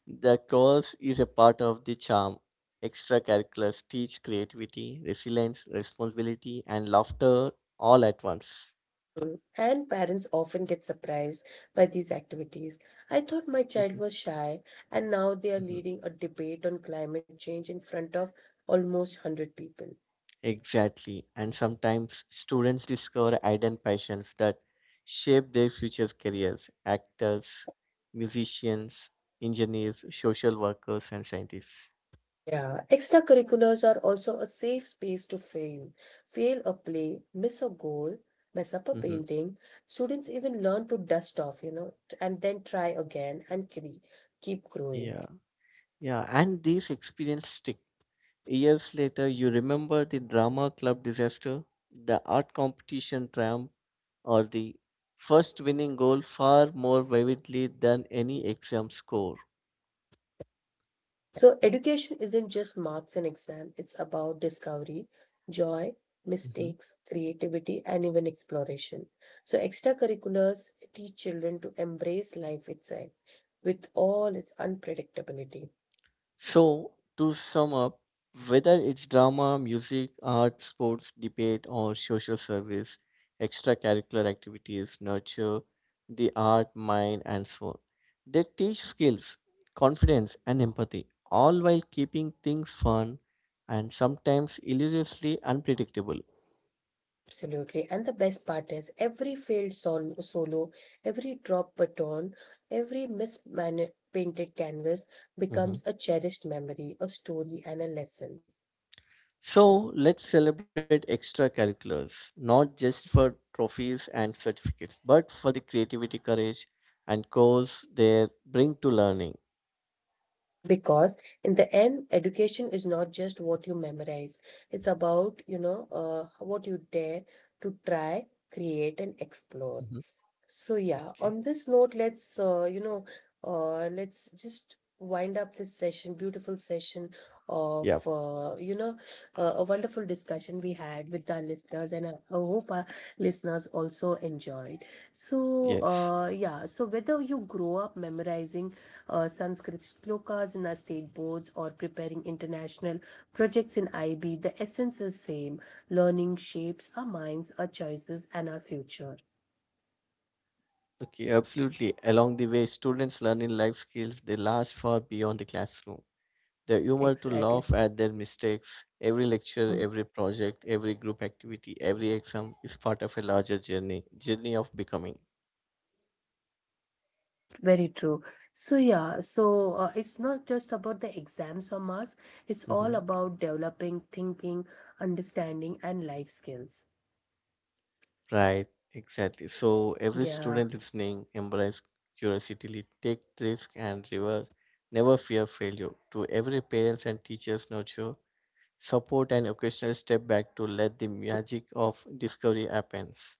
S2: the course is a part of the charm. Extracurriculars teach creativity, resilience, responsibility, and laughter all at once.
S1: Mm. And parents often get surprised by these activities. I thought my child was shy, and now they are leading a debate on climate change in front of almost 100 people.
S2: Exactly. And sometimes students discover hidden passions that shape their future careers: actors, musicians, engineers, social workers, and scientists.
S1: Yeah, extracurriculars are also a safe space to fail. Fail a play, miss a goal, mess up a
S2: Hmm.
S1: painting. Students even learn to dust off, you know, and then try again and keep growing.
S2: Yeah. Yeah. And these experiences stick. Years later, you remember the drama club disaster, the art competition triumph, or the first winning goal far more vividly than any exam score.
S1: So, education isn't just marks and exam, it's about discovery, joy,
S2: Mhm.
S1: mistakes, creativity, and even exploration. So, extracurriculars teach children to embrace life itself with all its unpredictability.
S2: So, to sum up, whether it's drama, music, art, sports, debate, or social service, extracurricular activities nurture the art, mind, and soul. They teach skills, confidence, and empathy, all while keeping things fun and sometimes hilariously unpredictable.
S1: Absolutely. And the best part is every failed solo, every drop baton, every painted canvas
S2: Mhm.
S1: becomes a cherished memory, a story, and a lesson.
S2: So let's celebrate extracurriculars, not just for trophies and certificates, but for the creativity, courage, and goals they bring to learning.
S1: Because in the end, education is not just what you memorize, it's about, you know, what you dare to try, create, and
S2: Mhm.
S1: explore. So yeah,
S2: Okay.
S1: on this note, let's you know, let's just wind up this session, beautiful session of
S2: Yep.
S1: you know, a wonderful discussion we had with our listeners, and I hope our listeners also enjoyed. So
S2: Yes.
S1: yeah, so whether you grow up memorizing Sanskrit shlokas in our state boards or preparing international projects in IB, the essence is same. Learning shapes our minds, our choices, and our future.
S2: Okay. Absolutely. Along the way, students learn in life skills they last far beyond the classroom. The humor to
S1: Exactly.
S2: laugh at their mistakes. Every lecture,
S1: Mm,
S2: every project, every group activity, every exam is part of a larger journey, journey of becoming.
S1: very true. So yeah, so it's not just about the exams or marks, it's all
S2: Hmm.
S1: about developing thinking, understanding, and life skills.
S2: Right, exactly. So every
S1: Yeah.
S2: student listening, embrace curiosity, take risk and reward, never fear failure. To every parents and teachers nurture, support and occasional step back to let the magic of discovery happens.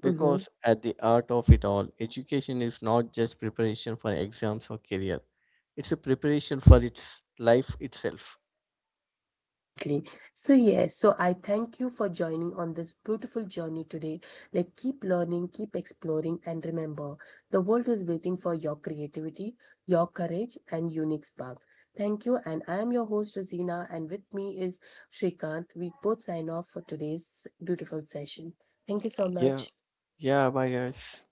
S1: Mm-hmm.
S2: Because at the heart of it all, education is not just preparation for exams or career. It's a preparation for its life itself.
S1: Exactly. So, yes, so I thank you for joining on this beautiful journey today. Like, keep learning, keep exploring, and remember the world is waiting for your creativity, your courage, and unique spark. Thank you. And I am your host, Rosina, and with me is Shrikant. We both sign off for today's beautiful session. Thank you so
S2: Yeah,
S1: much.
S2: yeah, bye guys.